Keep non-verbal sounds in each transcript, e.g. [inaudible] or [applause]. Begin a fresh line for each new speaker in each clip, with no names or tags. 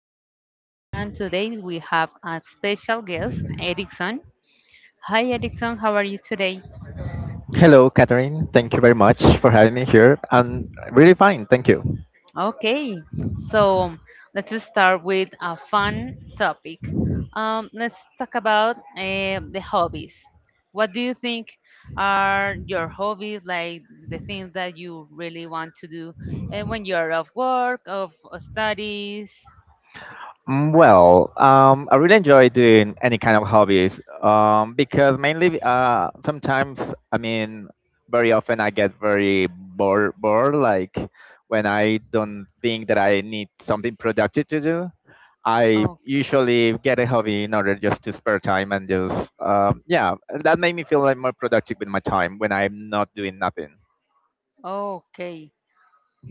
Puerto, and today we have a special guest, Erickson. Hi, Erickson, how are you today?
Hello, Catherine. Thank you very much for having me here. I'm really fine, thank you.
Okay, so um, let's start with a fun topic. Let's talk about the hobbies. What do you think are your hobbies, like the things that you really want to do and when you're off work, of studies, something like that?
Well, I really enjoy doing any kind of hobbies because mainly sometimes, I mean, very often I get very bored, like when I don't think that I need something productive to do. I
Oh,
usually get a hobby in order just to spare time and just, yeah, that made me feel like more productive with my time when I'm not doing nothing.
okay.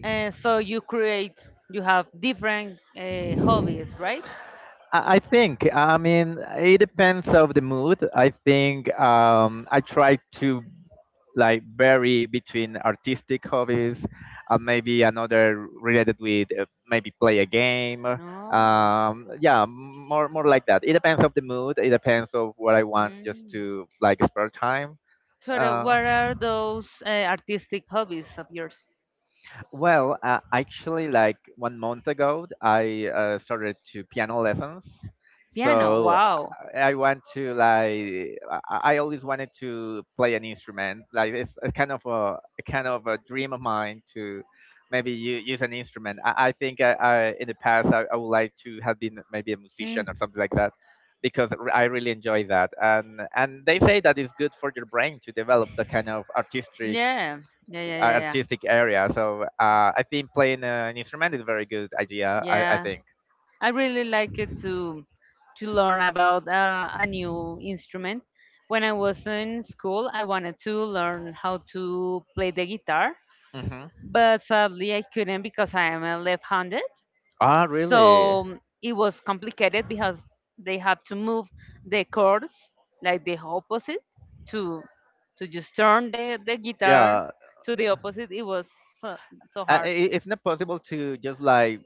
And so you create, you have different hobbies, right?
I think. I mean, it depends of the mood. I think I try to like vary between artistic hobbies and maybe another related with maybe play a game.
No.
Yeah, more like that. It depends of the mood. It depends of what I want just
Mm.
to like spare time.
Tara,
Uh,
what are those artistic hobbies of yours?
Well, actually, like one month ago, I started to piano lessons.
Piano.
So I
Wow.
I want to like I always wanted to play an instrument. Like it's a kind of a kind of a dream of mine to maybe use an instrument. I think I in the past I would like to have been maybe a musician or
Mm.
something like that because I really enjoy that. And they say that it's good for your brain to develop the kind of artistic
Yeah. Yeah. Yeah. Yeah. Yeah.
artistic area. So I think playing an instrument is a very good idea. I
Yeah.
think.
I really liked it to learn about a new instrument. When I was in school, I wanted to learn how to play the guitar,
Hmm.
but sadly I couldn't because I am a left-handed.
Ah, really?
So it was complicated because they had to move the chords like the opposite to to just turn the
Yeah,
guitar
uh,
to the opposite. It was so, so
i-
hard.
it's not possible to just like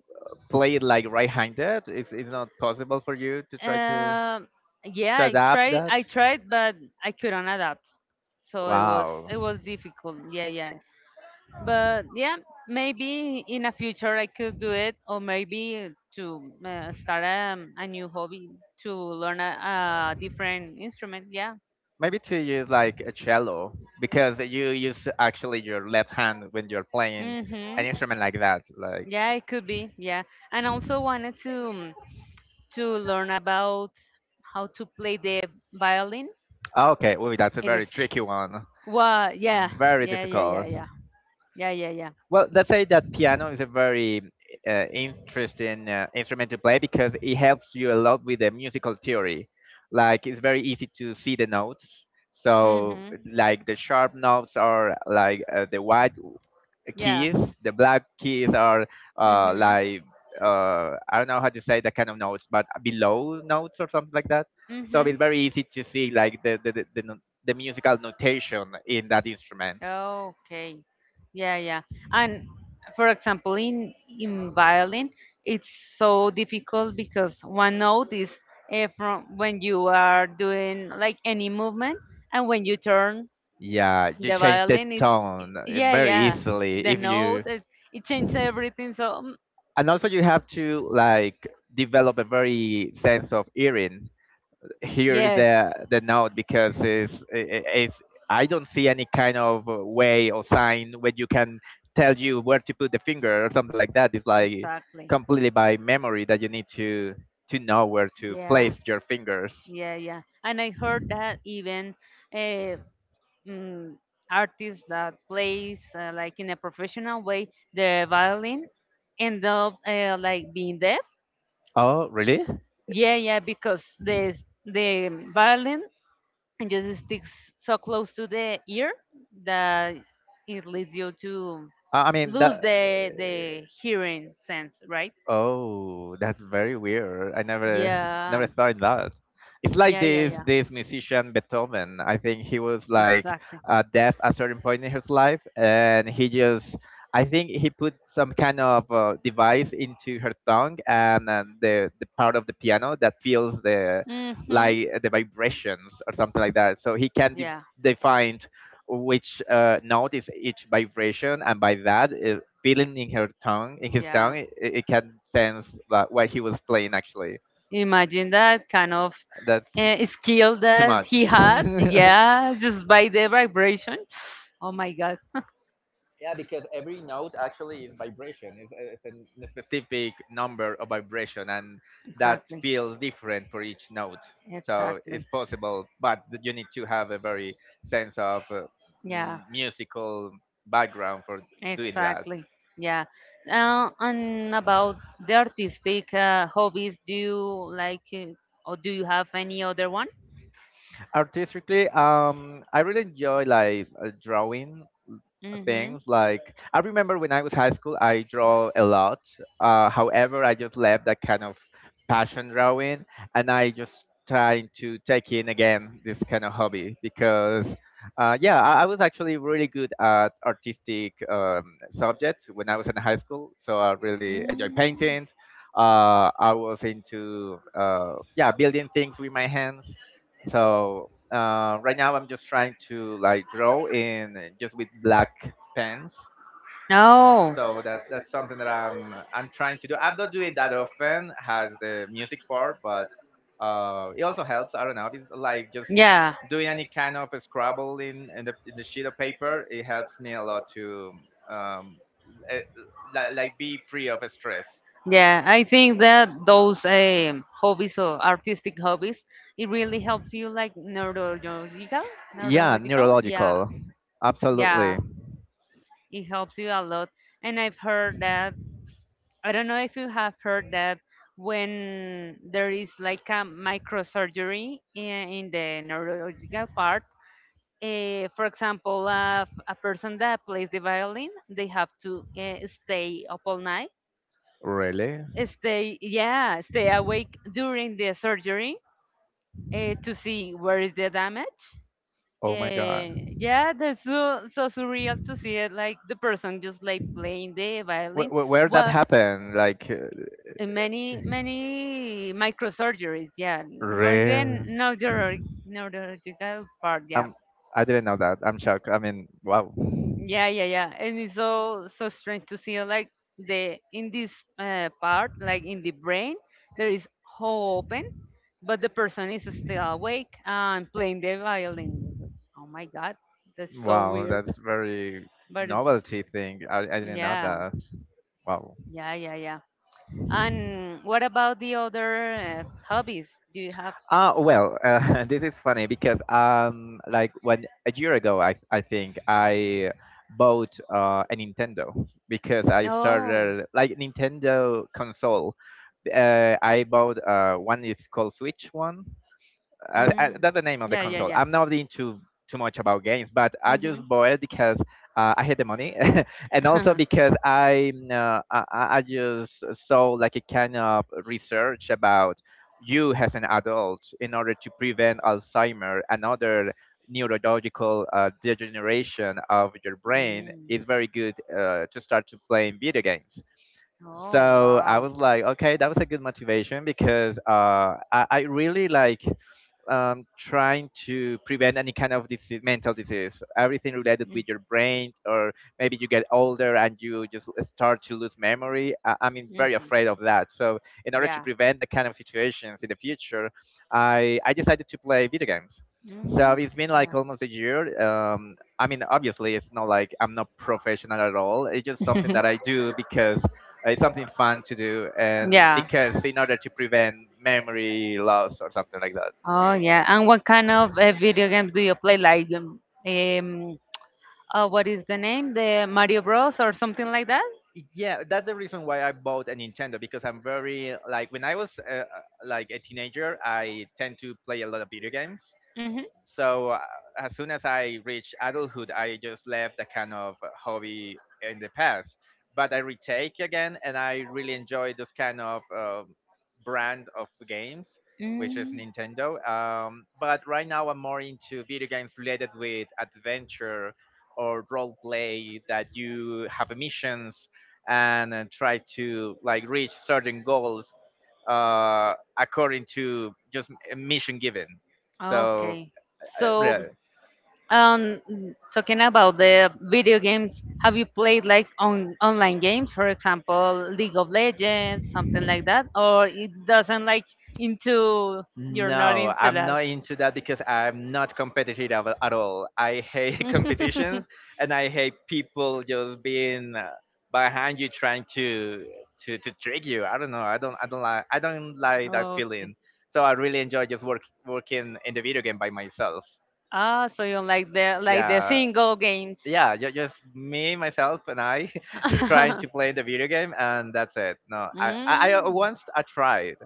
play it like right-handed. It's not possible for you to try to
Um, yeah, I
adapt
tried.
that.
I tried, but I couldn't adapt, so
Wow.
it was difficult. Yeah, yeah. But yeah, maybe in a future I could do it, or maybe to start a new hobby to learn a different instrument. Yeah.
Maybe to use like a cello because you use actually your left hand when you're playing
Mhm.
an instrument like that. Like,
Yeah, it could be. Yeah, and also wanted to. To learn about how to play the violin.
okay. Ooh, that's a
It
very
is.
tricky one.
Well, yeah,
Very
yeah, yeah, yeah,
difficult.
yeah, yeah, yeah, yeah.
Well, let's say that piano is a very interesting instrument to play because it helps you a lot with the musical theory. Like it's very easy to see the notes, so
Mm-hmm.
like the sharp notes are like the white
Yeah.
keys. The black keys are
Mm-hmm.
like I don't know how to say that kind of notes, but below notes or something like that. So
Mm-hmm.
it's very easy to see like the, no- the musical notation in that instrument.
Okay. Yeah, yeah. And for example, in violin, it's so difficult because one note is from when you are doing like any movement, and when you turn
Yeah, you
the
change the
violin,
tone
yeah,
very
yeah.
easily
The
if you,
it changes everything. So,
and also you have to like develop a very sense of hearing, hear
yes,
the note because it's I don't see any kind of way or sign where you can tell you where to put the finger or something like that. It's like
exactly.
completely by memory that you need to know where to
Yeah.
place your fingers.
Yeah, yeah. And I heard that even uh, mm, artists that plays like in a professional way the violin end up like being deaf.
Oh, really?
Yeah, yeah, because the violin just sticks so close to the ear that it leads you to
I mean
lose
that.
the hearing sense, right?
Oh, that's very weird. I never
Yeah,
thought that. It's like
yeah, yeah,
this
yeah.
this musician Beethoven. I think he was like
Exactly.
deaf at a certain point in his life, and he just I think he put some kind of device into her tongue and the part of the piano that feels the
Mm-hmm.
like the vibrations or something like that. So he can
Yeah.
define which notice each vibration, and by that, feeling in her tongue, in his
Yeah.
tongue, it can sense that what he was playing actually.
Imagine that kind of
That's
skill
too
that he
much. [laughs]
had. Yeah, just by the vibration. Oh my God.
Yeah, because every note actually is vibration. It's a specific number of vibration, and that
Exactly.
feels different for each note. So
Exactly.
it's possible, but you need to have a very sense of
Yeah.
musical background for doing that.
Exactly. Yeah. And about the artistic hobbies, do you like, or do you have any other one?
Artistically, I really enjoy like drawing
Mm-hmm.
things. Like I remember when I was high school, I draw a lot. However, I just left that kind of passion drawing, and I just trying to take in again this kind of hobby because yeah, I was actually really good at artistic subjects when I was in high school, so I really enjoy
Mm.
painting. I was into yeah, building things with my hands, so right now I'm just trying to like draw in just with black pens.
No.
So that's something that I'm trying to do. I'm not doing that often. Has the music part, but it also helps. I don't know. It's like just
Yeah.
doing any kind of scribble in the sheet of paper. It helps me a lot to um, eh, like be free of stress.
Yeah, I think that those hobbies or artistic hobbies, it really helps you like
Yeah,
neurological. Yeah,
neurological. Absolutely.
yeah, it helps you a lot. And I've heard that, I don't know if you have heard that when there is like a microsurgery in the neurological part, for example, a person that plays the violin, they have to stay up all night
Really?
stay yeah, stay awake during the surgery to see where is the damage.
Oh my god.
Yeah, that's so, so surreal to see it like the person just like playing the violin.
Where that
Well,
happened?
many many microsurgeries, yeah, more
Rare.
than neurological part, yeah.
I'm. Um, I did not know that. I'm shocked. I mean, wow,
Yeah, yeah, yeah. And it's so so strange to see like the in this part, like in the brain, there is hole open, but the person is still awake and playing the violin. It's like, Oh my God, that's so
wow,
weird.
that's very
But it's
novelty thing. I didn't know
yeah,
that. Wow.
yeah, yeah, yeah. And what about the other hobbies? Do you have?
Well, [laughs] this is funny because like when a year ago, I think I bought a Nintendo because I
Oh,
started like Nintendo console. I bought one is called Switch one.
mm.
That's the name of the
yeah, yeah,
console.
yeah.
I'm not into too much about games, but I
Mm-hmm.
just bought it because I had the money, [laughs] and also
[laughs]
because I just saw like a kind of research about you as an adult in order to prevent Alzheimer and other neurological degeneration of your brain
Mm.
is very good to start to playing video games.
Oh,
So I
wow.
was like, okay, that was a good motivation because I really like trying to prevent any kind of disease, mental disease, everything related
Mm.
with your brain, or maybe you get older and you just start to lose memory. I mean, very
Mhm.
afraid of that. So, in order to
Yeah.
prevent that kind of situations in the future, I decided to play video games. So
Mm.
it's been like
Yeah.
almost a year. I mean, obviously, it's not like I'm not professional at all. It's just something that I do
[laughs]
because it's something fun to do and
Yeah.
because in order to prevent memory loss or something like
Oh, yeah. And what kind of video games do you play? Um, what is the name? The Mario Bros or something like that.
yeah, that's the reason why I bought a Nintendo, because I'm very like when I was like a teenager I tend to play a lot of video games, so as soon as I reached adulthood, I just left that kind of hobby in the past. But I retake again, and I really enjoy those kind of brand of games, which is
Hmm Mm.
Nintendo. But right now, I'm more into video games related with adventure or role play that you have missions and try to like reach certain goals uh, according to just mission given. So
Okay.
uh,
So,
re-
um, talking about the video games, have you played like on online games, for example, League of Legends, something like that, or it doesn't like into you're not
No,
into
I'm
that?
not into that because I'm not competitive at all. I hate [laughs]
[laughs]
competitions, and I hate people just being behind you trying to trick you. I don't know. I don't like that
Okay.
feeling. So I really enjoy just working in the video game by myself.
Ah, so you like the
Yeah.
single games.
Yeah, just me, myself, and I [laughs]
[laughs]
trying to play the video game, and that's it. No, I
Mm.
once I tried,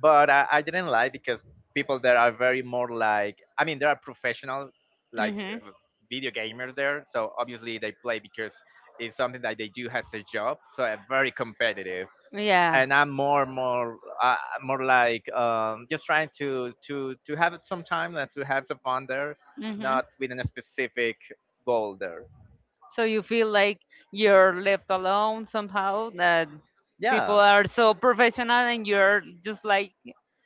but I didn't like because people there are very more like, I mean, there are professional like
Mhm.
uh, video gamers there, so obviously they play because it's something that they do as a job, so very competitive.
Yeah
And I'm more, more, more like just trying to have it some time and to have some fun there,
hmm
not with a specific goal there.
So you feel like you're left alone somehow, that people
Yeah,
are so professional and you're just like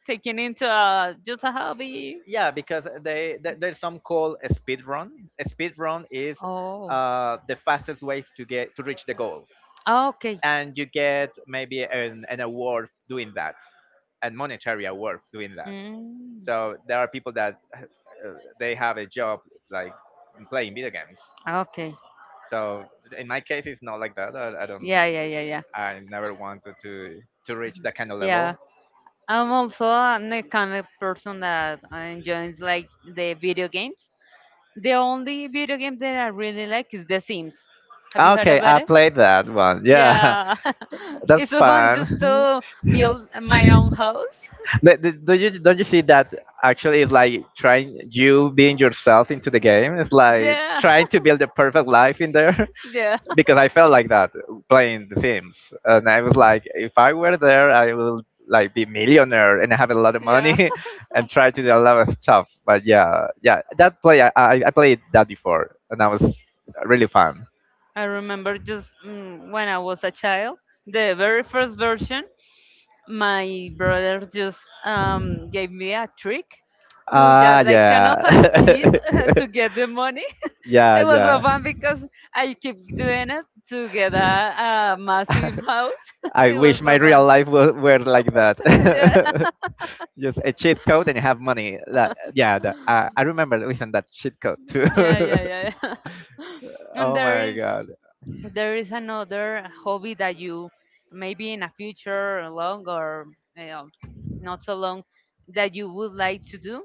taken into just a hobby.
yeah, because they there's some called a speed run. A speed run is
Oh.
the fastest ways to get to reach the goal,
Oh, okay.
and you get maybe an award doing that, and monetary award doing that,
Mm.
so there are people that they have a job like playing video games.
Okay.
So in my case it's not like that. I don't
Yeah, yeah, yeah, yeah.
I never wanted to reach that kind of
Yeah.
level.
The kind of person that enjoys like the video games. The only video game that I really like is The Sims. Have you heard
Okay,
about
I
it?
played that one. Yeah.
Yeah,
[laughs]
[laughs] it's
That's
so fun
fun.
just to build my own house.
Don't you see that actually it's like trying you being yourself into the game, it's like
Yeah,
trying to build a perfect life in there.
[laughs] yeah,
[laughs] Because I felt like that playing the Sims, and I was like, if I were there, I will like be millionaire and have a lot of
yeah.
money, [laughs] and try to do a lot of stuff.
[laughs]
But yeah, yeah, that play I played that before, and that was really fun.
I remember when I was a child, the very first version. My brother just gave me a trick to just
Ah,
like kind
yeah.
of a cheat [laughs] to get the money.
[laughs]
[laughs] It was so
yeah
fun because I keep doing it to get
yeah.
a massive
[laughs]
house. [laughs]
I
It was
wish my
so
real
fun.
life were like that.
[laughs] Yeah.
[laughs] Just a cheat code and have money. Like, yeah, I remember listening that cheat code too.
Yeah, yeah, yeah, yeah. [laughs]
[laughs]
And
Oh
there
my
is
god.
there is another hobby that you maybe in a future long or you know, not so long that you would like to do.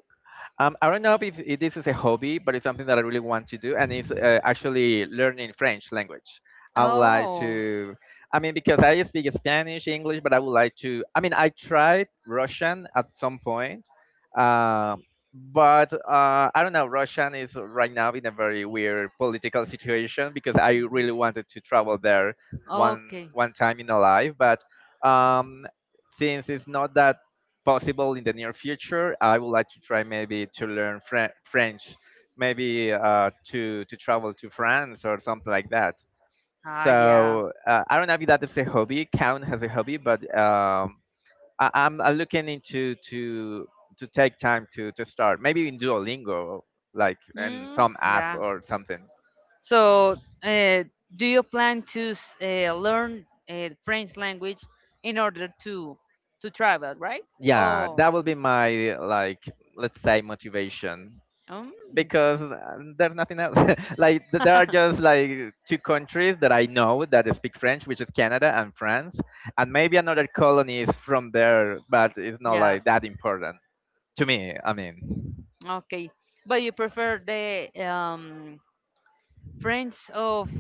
I don't know if this is a hobby, but it's something that I really want to do, and it's actually learning French language. I would like
Oh.
to. I mean, because I speak Spanish, English, but I would like to. I mean, I tried Russian at some point, um, but I don't know. Russian is right now in a very weird political situation because I really wanted to travel there one
Okay.
one time in a life, but um, since it's not that possible in the near future, I would like to try maybe to learn French, maybe to travel to France or something like that.
Ah, yeah.
So I don't know if that is a hobby. Count has a hobby, but I'm looking into to take time to start maybe in Duolingo, like in
Mm,
some app
yeah.
or something.
So, uh, do you plan to learn French language in order to travel, right?
Yeah,
Oh,
that will be my, like, let's say motivation
um,
because there's nothing else [laughs] like there are just like two countries that I know that speak French, which is Canada and France, and maybe another colony is from there, but it's not
yeah,
like that important to me, I mean.
okay. But you prefer the French of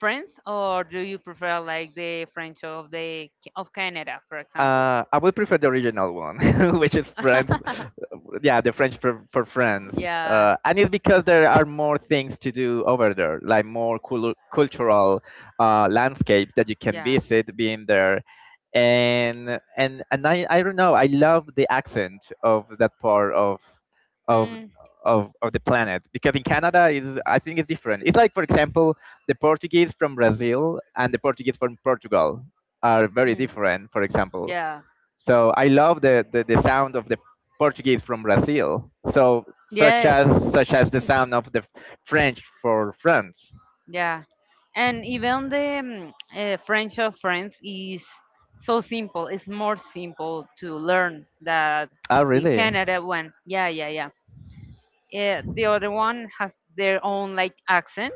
France, or do you prefer like the French of the of Canada, for example?
I would prefer the original one, [laughs] which is Friends.
[laughs]
Yeah, the French for Friends.
yeah,
And it's because there are more things to do over there, like more cultural landscapes that you can
yeah.
visit being there. And I don't know, I love the accent of that part of of
Mm.
of the planet because in Canada is, I think, it's different. It's like, for example, the Portuguese from Brazil and the Portuguese from Portugal are very
Mm.
different, for example.
Yeah.
So I love the, the sound of the Portuguese from Brazil. So such
Yes.
as such as the sound of the French for France.
Yeah. And even the French of France is so simple. It's more simple to learn that
Oh
the
really?
Canada one. Yeah, yeah, yeah. The other one has their own like accent.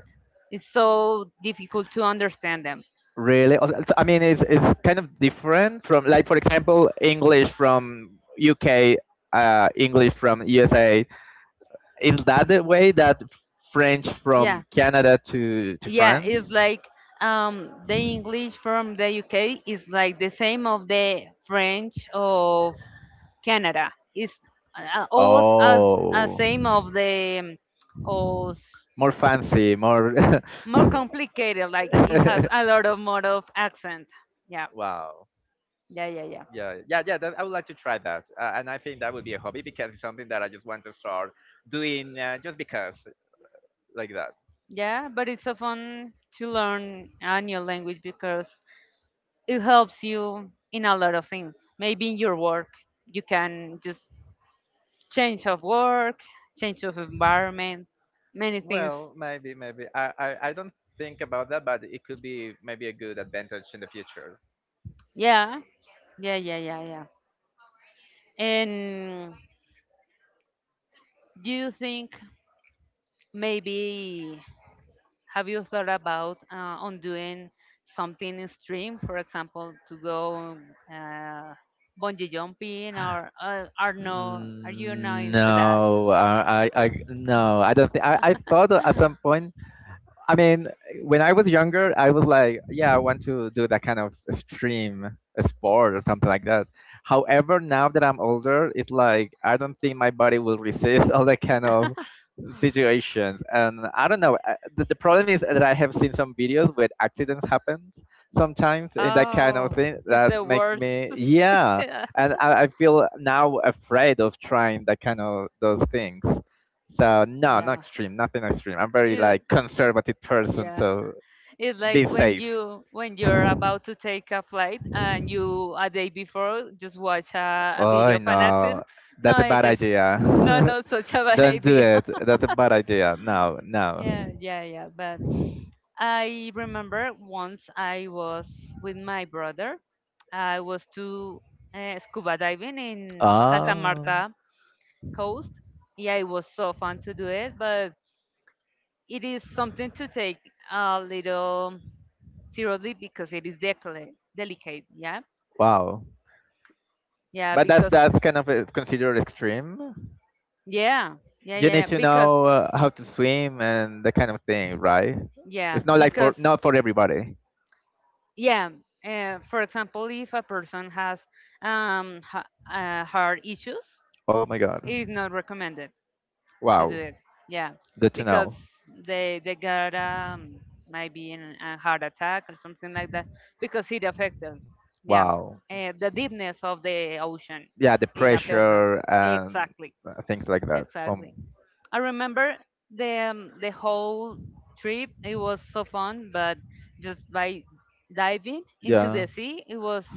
It's so difficult to understand them.
Really? I mean, it's kind of different from, like, for example, English from UK, English from USA. Is that the way that French
Yeah,
from Canada to
yeah,
France?
it's like the English from the UK is like the same of the French of Canada. It's almost as a
Oh,
same of the of
more fancy, more. [laughs]
more complicated. Like it has a lot of more of accent. Yeah,
Wow.
yeah, yeah, yeah,
Yeah, yeah, yeah. That, I would like to try that, and I think that would be a hobby because it's something that I just want to start doing, just because, like that.
yeah. But it's so fun to learn a new language because it helps you in a lot of things. Maybe in your work, you can just change of work, change of environment, many things.
Well, maybe, maybe. I don't think about that, but it could be maybe a good advantage in the future.
Yeah, yeah, yeah, yeah, yeah. And do you think maybe have you thought about on doing something in stream, for example, to go uh, bungee jumping, or are no, are you not
Mm,
into that?
no, no, I don't think. I thought at some
[gasps]
point, I mean, when I was younger, I was like, yeah, I want to do that kind of extreme sport or something like that. However, now that I'm older, it's like I don't think my body will resist [laughs] all that kind of situations. And I don't know. The the problem is that I have seen some videos where accidents happen sometimes in that kind of
Oh,
thing
it's
that
the
makes
worst.
me,
[laughs]
yeah.
Yeah.
And I feel now afraid of trying that kind of those things. So no, not
Yeah.
extreme, nothing extreme. I'm very
It,
like conservative person,
yeah.
so
It's like
be
when
safe.
you're about to take a flight and you a day before just watch a
Oh
video of an
no,
accident. No,
that's a
I
bad
just
idea.
no, no, such a
[laughs]
bad [laughs]
Don't do
idea.
it. That's a bad idea. No,
Yeah,
no.
yeah, yeah. But I remember once I was with my brother. I was to scuba diving in Santa
Oh,
Marta coast. Yeah, it was so fun to do it, but it is something to take a little seriously because it is delicate. Yeah,
wow.
yeah,
But that's
because
that's kind of considered extreme.
yeah, yeah,
You
yeah, yeah,
need to
because
know how to swim and that kind of thing, right?
yeah,
It's not like for,
because
not for everybody.
yeah. For example, if a person has heart issues,
Oh my god.
it is not recommended to do
Wow.
it. Yeah,
Good to
because
know.
they got maybe a heart attack or something like that because it affects them. Yeah.
Wow.
Eh, the deepness of the ocean,
Yeah, the
it affects them,
pressure and
exactly,
things like that.
exactly. I remember the whole trip. It was so fun, but just by diving into the
Yeah.
sea, it was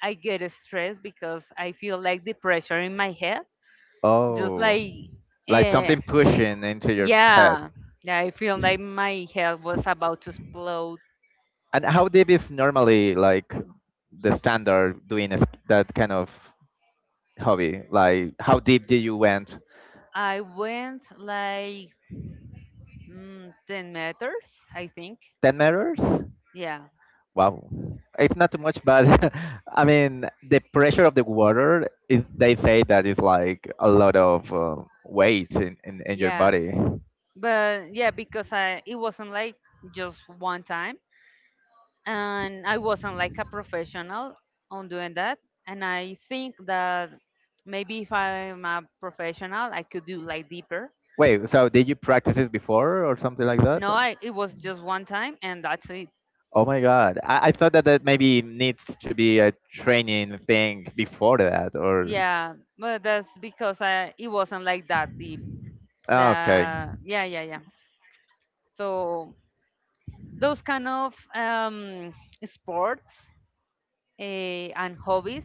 I get stressed because I feel like the pressure in my head, just
Oh.
like.
Like
Uh,
something pushing into your head.
yeah, yeah, I feel like my head was about to explode.
And how deep is normally like the standard doing a s that kind of hobby? Like how deep do you went?
I went like 10 meters, I think.
10 meters?
Yeah,
Wow, it's not too much, but [laughs] I mean the pressure of the water is. They say that it's like a lot of weight in, in your
yeah.
body.
But yeah, because I it wasn't like just one time and I wasn't like a professional on doing that and I think that maybe if I'm a professional I could do like deeper.
Wait, so did you practice this before or something like that?
No, I it was just one time and that's it.
Oh my God, I thought that that maybe needs to be a training thing before that, or
Yeah, but that's because I it wasn't like that deep. The
Ah, okay.
yeah, yeah, yeah. So those kind of sports eh, and hobbies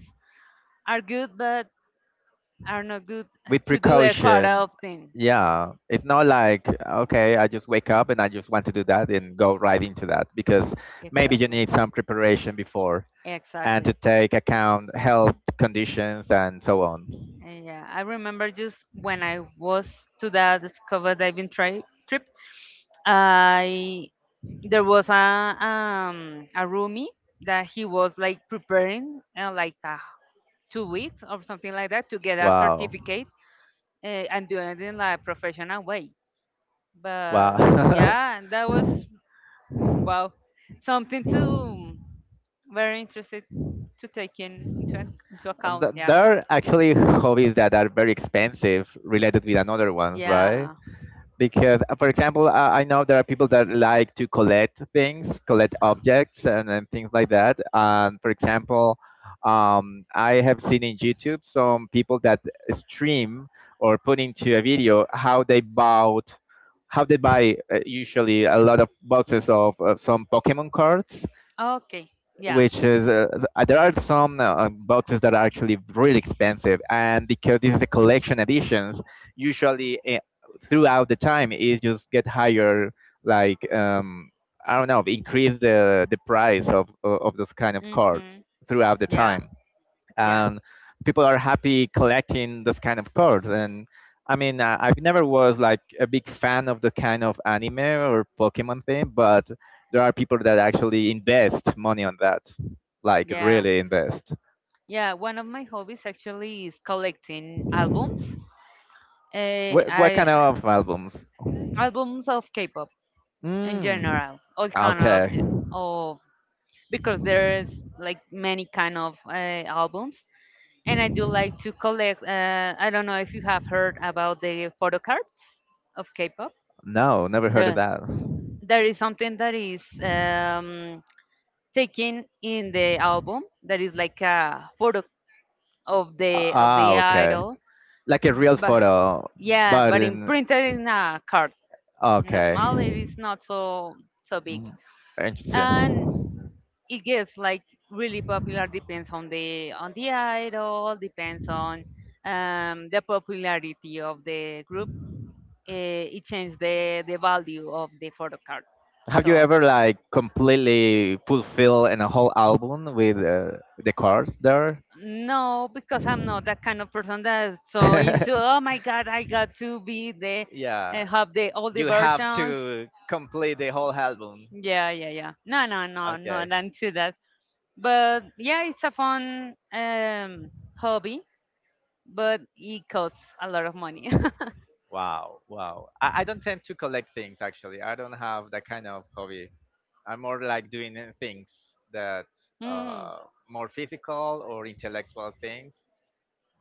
are good, but are not good
With
[laughs] to do a quite
precaution.
often.
Yeah, it's not like, okay, I just wake up and I just want to do that and go right into that because maybe you
Exactly,
need some preparation before and to
exactly.
take account health conditions and so on.
Eh, yeah, I remember just when I was to that scuba diving trip, I there was a roomie that he was like preparing like a 2 weeks or something like that to get a
Wow.
certificate and do it in like, a professional way. But
Wow.
yeah, that
[laughs]
was well something to very interested to take into
And
account. Yeah,
there are actually hobbies that are very expensive related with another ones, right?
yeah.
Because for example, I know there are people that like to collect things, collect objects and things like that. And for example, I have seen in YouTube some people that stream or put into a video how they bought, how they buy, usually a lot of boxes of some Pokemon cards,
Okay, yeah.
which is there are some boxes that are actually really expensive, and because this is a collection editions, usually throughout the time it just get higher, like, I don't know, increase the price of those kind of cards
Mhm.
throughout the time,
Yeah.
and people are happy collecting those kind of cards. And I mean, I never was like a big fan of the kind of anime or Pokemon thing, but there are people that actually invest money on that, like really invest.
Yeah. One of my hobbies actually is collecting albums.
What kind
I
of albums?
Albums of K-pop in
Mm.
general, all kind of
Okay.
of because there's like many kind of albums. And I do like to collect, I don't know if you have heard about the photo cards of K-pop.
No, never heard of
Uh,
that.
there is something that is taken in the album that is like a photo of the of
Ah,
the
okay.
idol,
Like a real
but
photo,
yeah,
but
but in
in
printed in a card, in a
okay.
small, it is not so so big.
Mm,
And
interesting.
it gets like really popular, depends on the idol, depends on the popularity of the group. It changes the value of the photo card.
Have you
So
ever like completely fulfill in a whole album with the cards there?
no, because I'm not that kind of person that's so into, oh my god, I got
[laughs]
to be the,
Yeah,
have the all the
you have
versions.
to complete the whole album.
Yeah, yeah, yeah, no, no, no, no,
Okay.
not into that. But yeah, it's a fun hobby, but it costs a lot of money. [laughs]
Wow, wow. I don't tend to collect things actually. I don't have that kind of hobby. I'm more like doing things that
Mm.
uh more physical or intellectual things.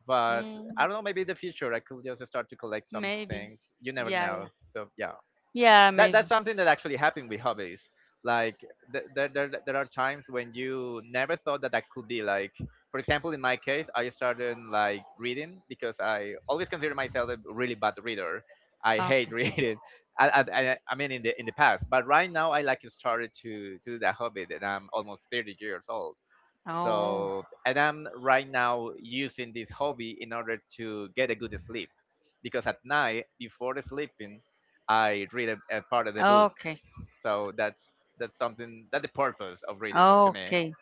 But
Mm.
I don't know, maybe in the future I could just start to collect some
Maybe.
things. You never
Yeah,
know.
yeah.
So yeah.
Yeah,
That
maybe.
that's something that actually happened with hobbies. Like there are times when you never thought that that could be like. For example, in my case, I started like reading because I always consider myself a really bad reader. I hate [laughs] reading. I, I, I mean, in the past, but right now I like started to do that hobby, and I'm almost 30 years old. So, and I'm right now using this hobby in order to get a good sleep because at night before sleeping I read a part of the book. So that's something that the purpose of reading to me.
Okay.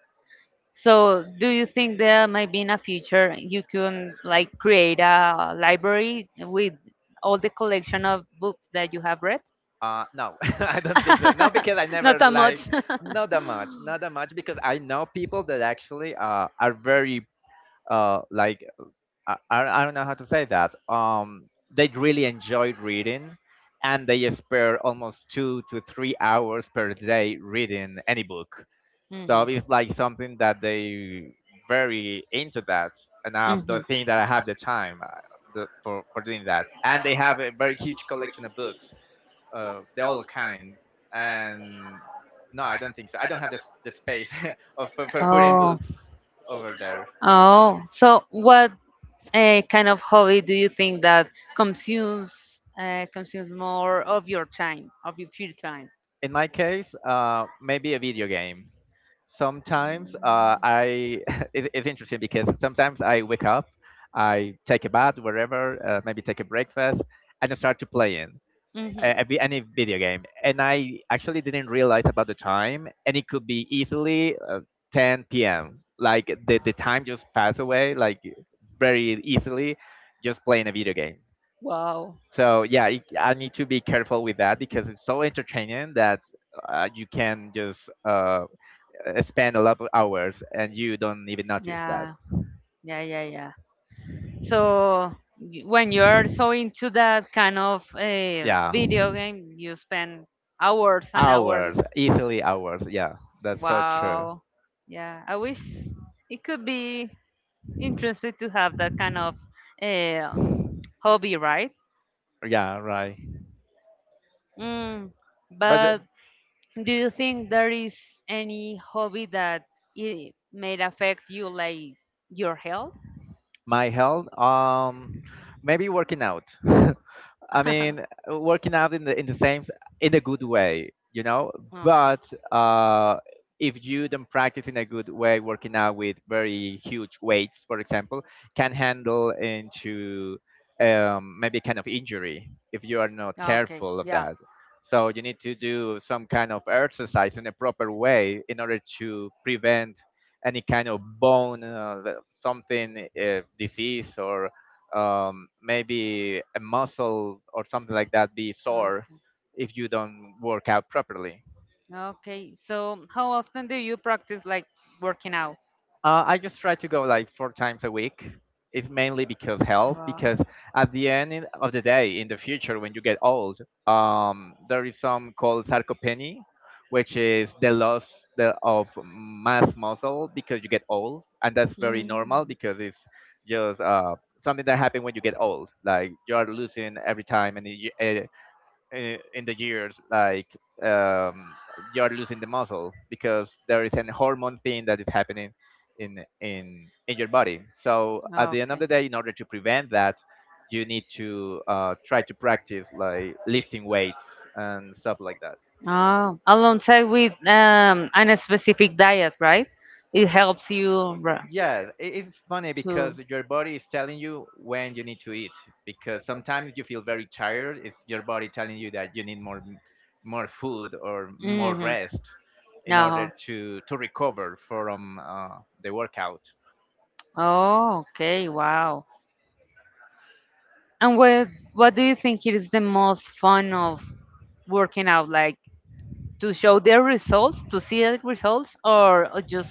So, do you think there might be in a future you can like create a library with all the collection of books that you have read?
No, [laughs] I don't think so.
[laughs]
No, because I
Not
never
that
like,
much.
not
[laughs]
that much, not that much because I know people that actually are very like, I don't know how to say that. They really enjoy reading, and they spare almost 2 to 3 hours per day reading any book. So
Mhm.
it's like something that they very into that, and I
Hmm. [laughs]
don't think that I have the time for doing that. And they have a very huge collection of books, they all kinds. And no, I don't think so. I don't have the the space [laughs] of for putting
Oh,
books over there.
oh. So, what kind of hobby do you think that consumes, consumes more of your time, of your free time?
In my case, maybe a video game. Sometimes
Mm.
I [laughs] it's interesting because sometimes I wake up, I take a bath, wherever, maybe take a breakfast, and I start to playing
Mhm.
a any video game. And I actually didn't realize about the time, and it could be easily 10 p.m. Like the time just pass away like very easily, just playing a video game.
Wow.
So yeah, I need to be careful with that because it's so entertaining that you can just spend a lot of hours and you don't even notice that.
Yeah, yeah, yeah, yeah. So when you're so into that kind of
Yeah.
video game, you spend hours and hours.
Hours, easily hours. Yeah, that's so true.
Wow. Yeah, I wish it could be interesting to have that kind of uh, hobby, right?
Yeah, right.
Mm,
But
but do you think there is any hobby that it may affect you, like your health?
my health, maybe working out. [laughs] I mean,
[laughs]
working out in the same in a good way, you know.
Okay.
But uh, if you don't practice in a good way, working out with very huge weights, for example, can handle into maybe kind of injury if you are not
Okay.
careful of
Yeah.
that. So you need to do some kind of exercise in a proper way in order to prevent any kind of bone, something disease or maybe a muscle or something like that be sore
Okay.
if you don't work out properly.
Okay. So, how often do you practice like working out?
I just try to go like 4 times a week. It's mainly because health,
Wow.
because at the end of the day, in the future, when you get old, there is some called sarcopenia, which is the loss of mass muscle because you get old, and that's very normal
Mm.
because it's just something that happens when you get old. Like you are losing every time, and in the years, um, you're losing the muscle because there is an hormone thing that is happening in your body. So at the end of
Okay.
the day, in order to prevent that, you need to try to practice like lifting weights and stuff like that.
Oh, alongside with and specific diet, right? Yeah, it helps you
Yes, it's funny
to.
because your body is telling you when you need to eat. Because sometimes you feel very tired. It's your body telling you that you need more food or more rest
In
in order
order.
to recover from the workout.
Oh, okay, wow. And what do you think it is the most fun of working out? Like to show their results, to see the results, or just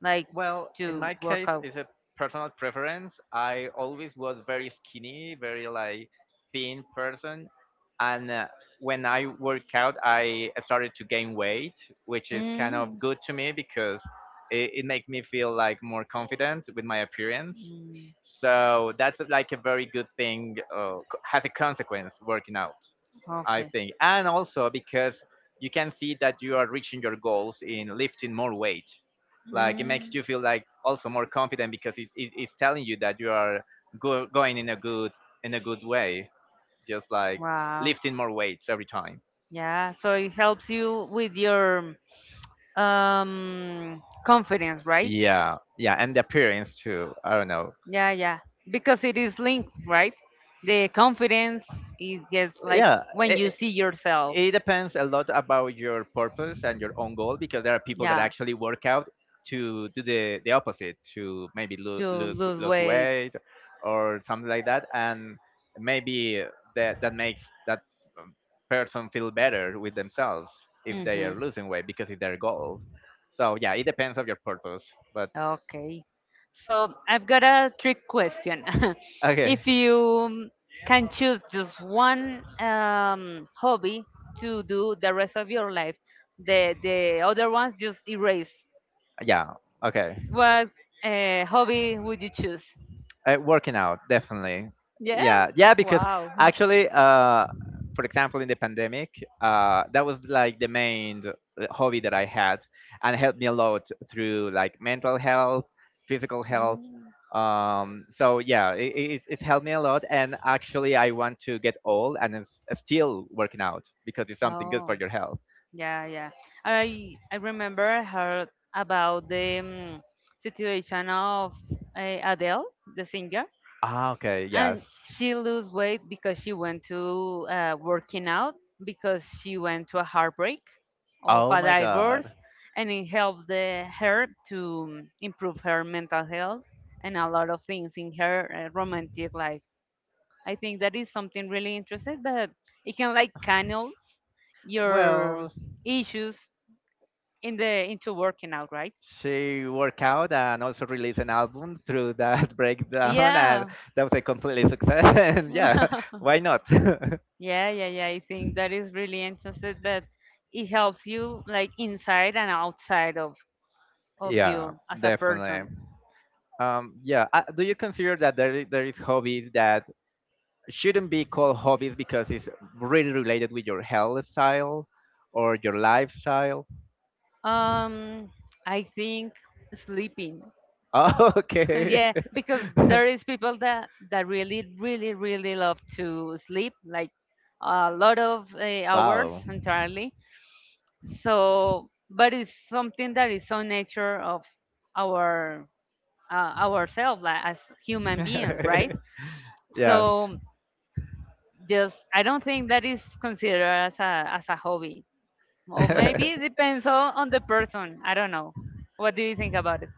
like
Well, in
to.
my case, it's a personal preference. I always was very skinny, very like thin person, and when I work out, I started to gain weight, which is kind of
Mm.
good to me because it makes me feel like more confident with my appearance.
Mm.
So that's like a very good thing. Has a consequence working out. I
Okay. Think.
think. And also because you can see that you are reaching your goals in lifting more weight. Like it
Mm.
makes you feel like also more confident because it's telling you that you are going in a good way, just like
Wow.
lifting more weights every time.
Yeah. So it helps you with your confidence, right?
Yeah, yeah, and the appearance too. I don't know.
Yeah, yeah. Because it is linked, right? The confidence it gets like
Yeah,
when you
it,
see yourself.
it depends a lot about your purpose and your own goal because there are people that
Yeah.
actually work out to do the opposite, to maybe lo-
To
lose
lose
lose
weight.
weight or something like that, and maybe that makes that um, person feel better with themselves if they
Hmm.
are losing weight because it's their goal. So yeah, it depends on your purpose, but
Okay. So I've got a trick question. [laughs]
okay,
If you can choose just one hobby to do the rest of your life, the other ones just erase.
yeah, okay.
What hobby would you choose?
Working out, definitely.
Yeah.
Yeah, yeah, because
Wow.
actually, uh, for example, in the pandemic, that was like the main hobby that I had, and helped me a lot through like mental health, physical health.
Mm.
So yeah, it's helped me a lot, and actually, I want to get old and it's still working out because it's something good for
Oh,
your health.
yeah, yeah. I remember I heard about the situation of Adele, the singer,
Ah, okay,
and
yes.
she lose weight because she went to working out, because she went to a heartbreak of
Oh
a
my
divorce,
God.
and it helped the, her to improve her mental health and a lot of things in her romantic life. I think that is something really interesting, but it can like canals your
Well,
issues in the into working out, right?
she worked out and also released an album through that [laughs] breakdown, and
Yeah.
that was a completely success. [laughs] And yeah,
[laughs]
why not? [laughs]
Yeah, yeah, yeah. I think that is really interesting, but it helps you like inside and outside of
Yeah,
you as a person.
definitely. Yeah, do you consider that there is hobbies that shouldn't be called hobbies because it's really related with your health style or your lifestyle? [laughs]
Um, I think sleeping.
Oh,
[laughs]
okay.
Yeah, because
[laughs]
there is people that that really, really, really love to sleep, like a lot of hours
Wow.
entirely. So, but it's something that is so nature of our ourselves like, as human beings, right?
[laughs] Yes.
So. Just I don't think that is considered as a hobby, or maybe it depends
[laughs]
on the person. I don't know. What do you think about it?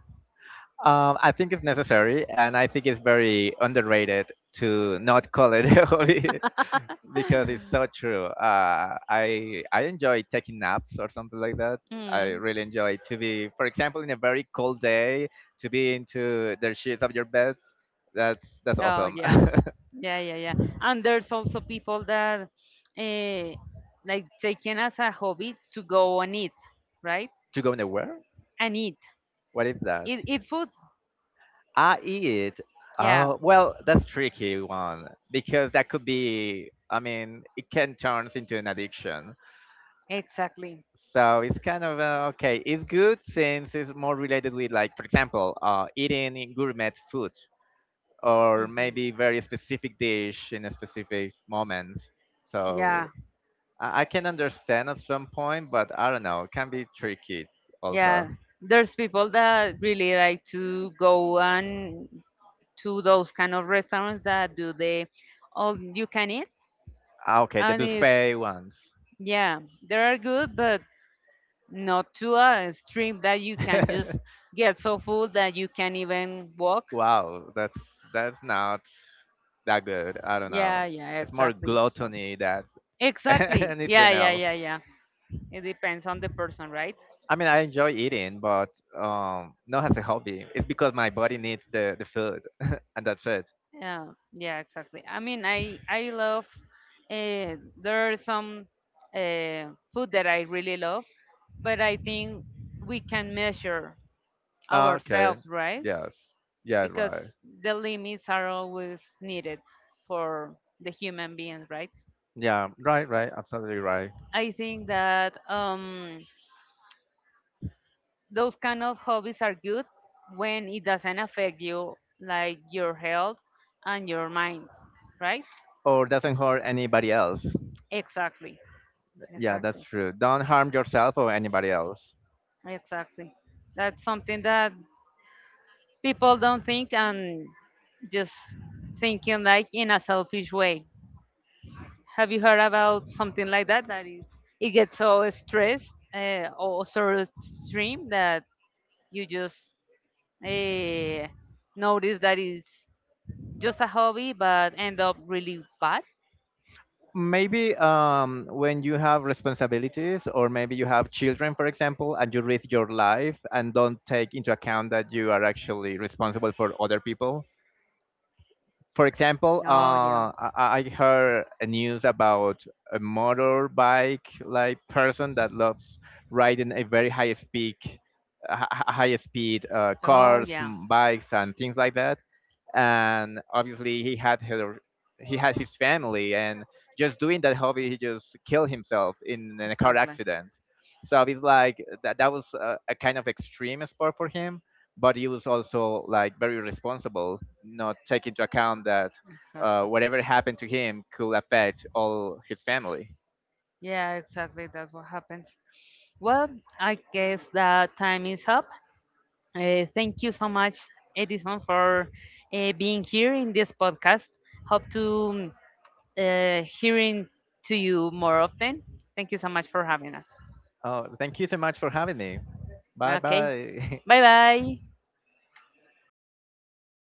I think it's necessary, and I think it's very underrated to not call it [laughs] a hobby because it's so true. I enjoy taking naps or something like that. I
Mm.
really enjoy to be, for example, in a very cold day, to be into the sheets of your bed. That's
Oh
awesome. [laughs]
yeah, yeah, yeah, yeah. And there's also people that uh, like taking as a hobby to go and eat, right?
To go nowhere?
And eat,
What is that?
eat, eat food.
I eat.
Yeah,
Oh, well, that's tricky one because that could be. I mean, it can turn into an addiction.
exactly.
So it's kind of okay. It's good since it's more related with, like, for example, eating in gourmet food or
Mhm.
maybe very specific dish in a specific moment. So
Yeah,
I can understand at some point, but I don't know. It can be tricky also.
yeah. There's people that really like to go and to those kind of restaurants that do the all you can eat,
Ah, okay, the
and it's
buffet ones.
yeah, they are good, but not to a extreme that you can just
[laughs]
get so full that you can't even walk.
Wow, that's not that good. I don't
Yeah,
know.
yeah,
It's more
exactly. So
gluttony than [laughs]
exactly, yeah,
anything
yeah,
else.
yeah, yeah. It depends on the person, right?
I mean, I enjoy eating, but not as a hobby. It's because my body needs the food, [laughs] and that's it.
Yeah, yeah, exactly. I mean, I love. There are some food that I really love, but I think we can measure
Okay.
ourselves, right?
Yes. Yeah.
Because
Right.
the limits are always needed for the human beings, right?
Yeah. Right. Right. Absolutely right.
I think that those kind of hobbies are good when it doesn't affect you, like your health and your mind, right?
Or doesn't hurt anybody else.
Exactly,
Yeah, that's
exactly.
true. Don't harm yourself or anybody else.
Exactly. That's something that people don't think and just thinking like in a selfish way. Have you heard about something like that? That is, it gets so stressed or so extreme that you just uh, notice that it's just a hobby but end up really bad.
Maybe when you have responsibilities, or maybe you have children, for example, and you risk your life and don't take into account that you are actually responsible for other people. For example,
Oh, yeah.
I heard a news about a motorbike like person that loves riding a very high speed
Oh,
cars,
yeah.
bikes and things like that, and obviously he had her he has his family, and just doing that hobby, he just killed himself in a car
Exactly.
accident. So it's like that, that was a kind of extreme sport for him, but he was also like very responsible, not taking into account that
Exactly.
whatever happened to him could affect all his family.
Yeah, exactly. That's what happens. Well, I guess that time is up. Thank you so much, Edison, for being here in this podcast. Hope to hearing to you more often. Thank you so much for having us.
Oh, thank you so much for having me. Bye
Okay,
bye. [laughs]
bye bye.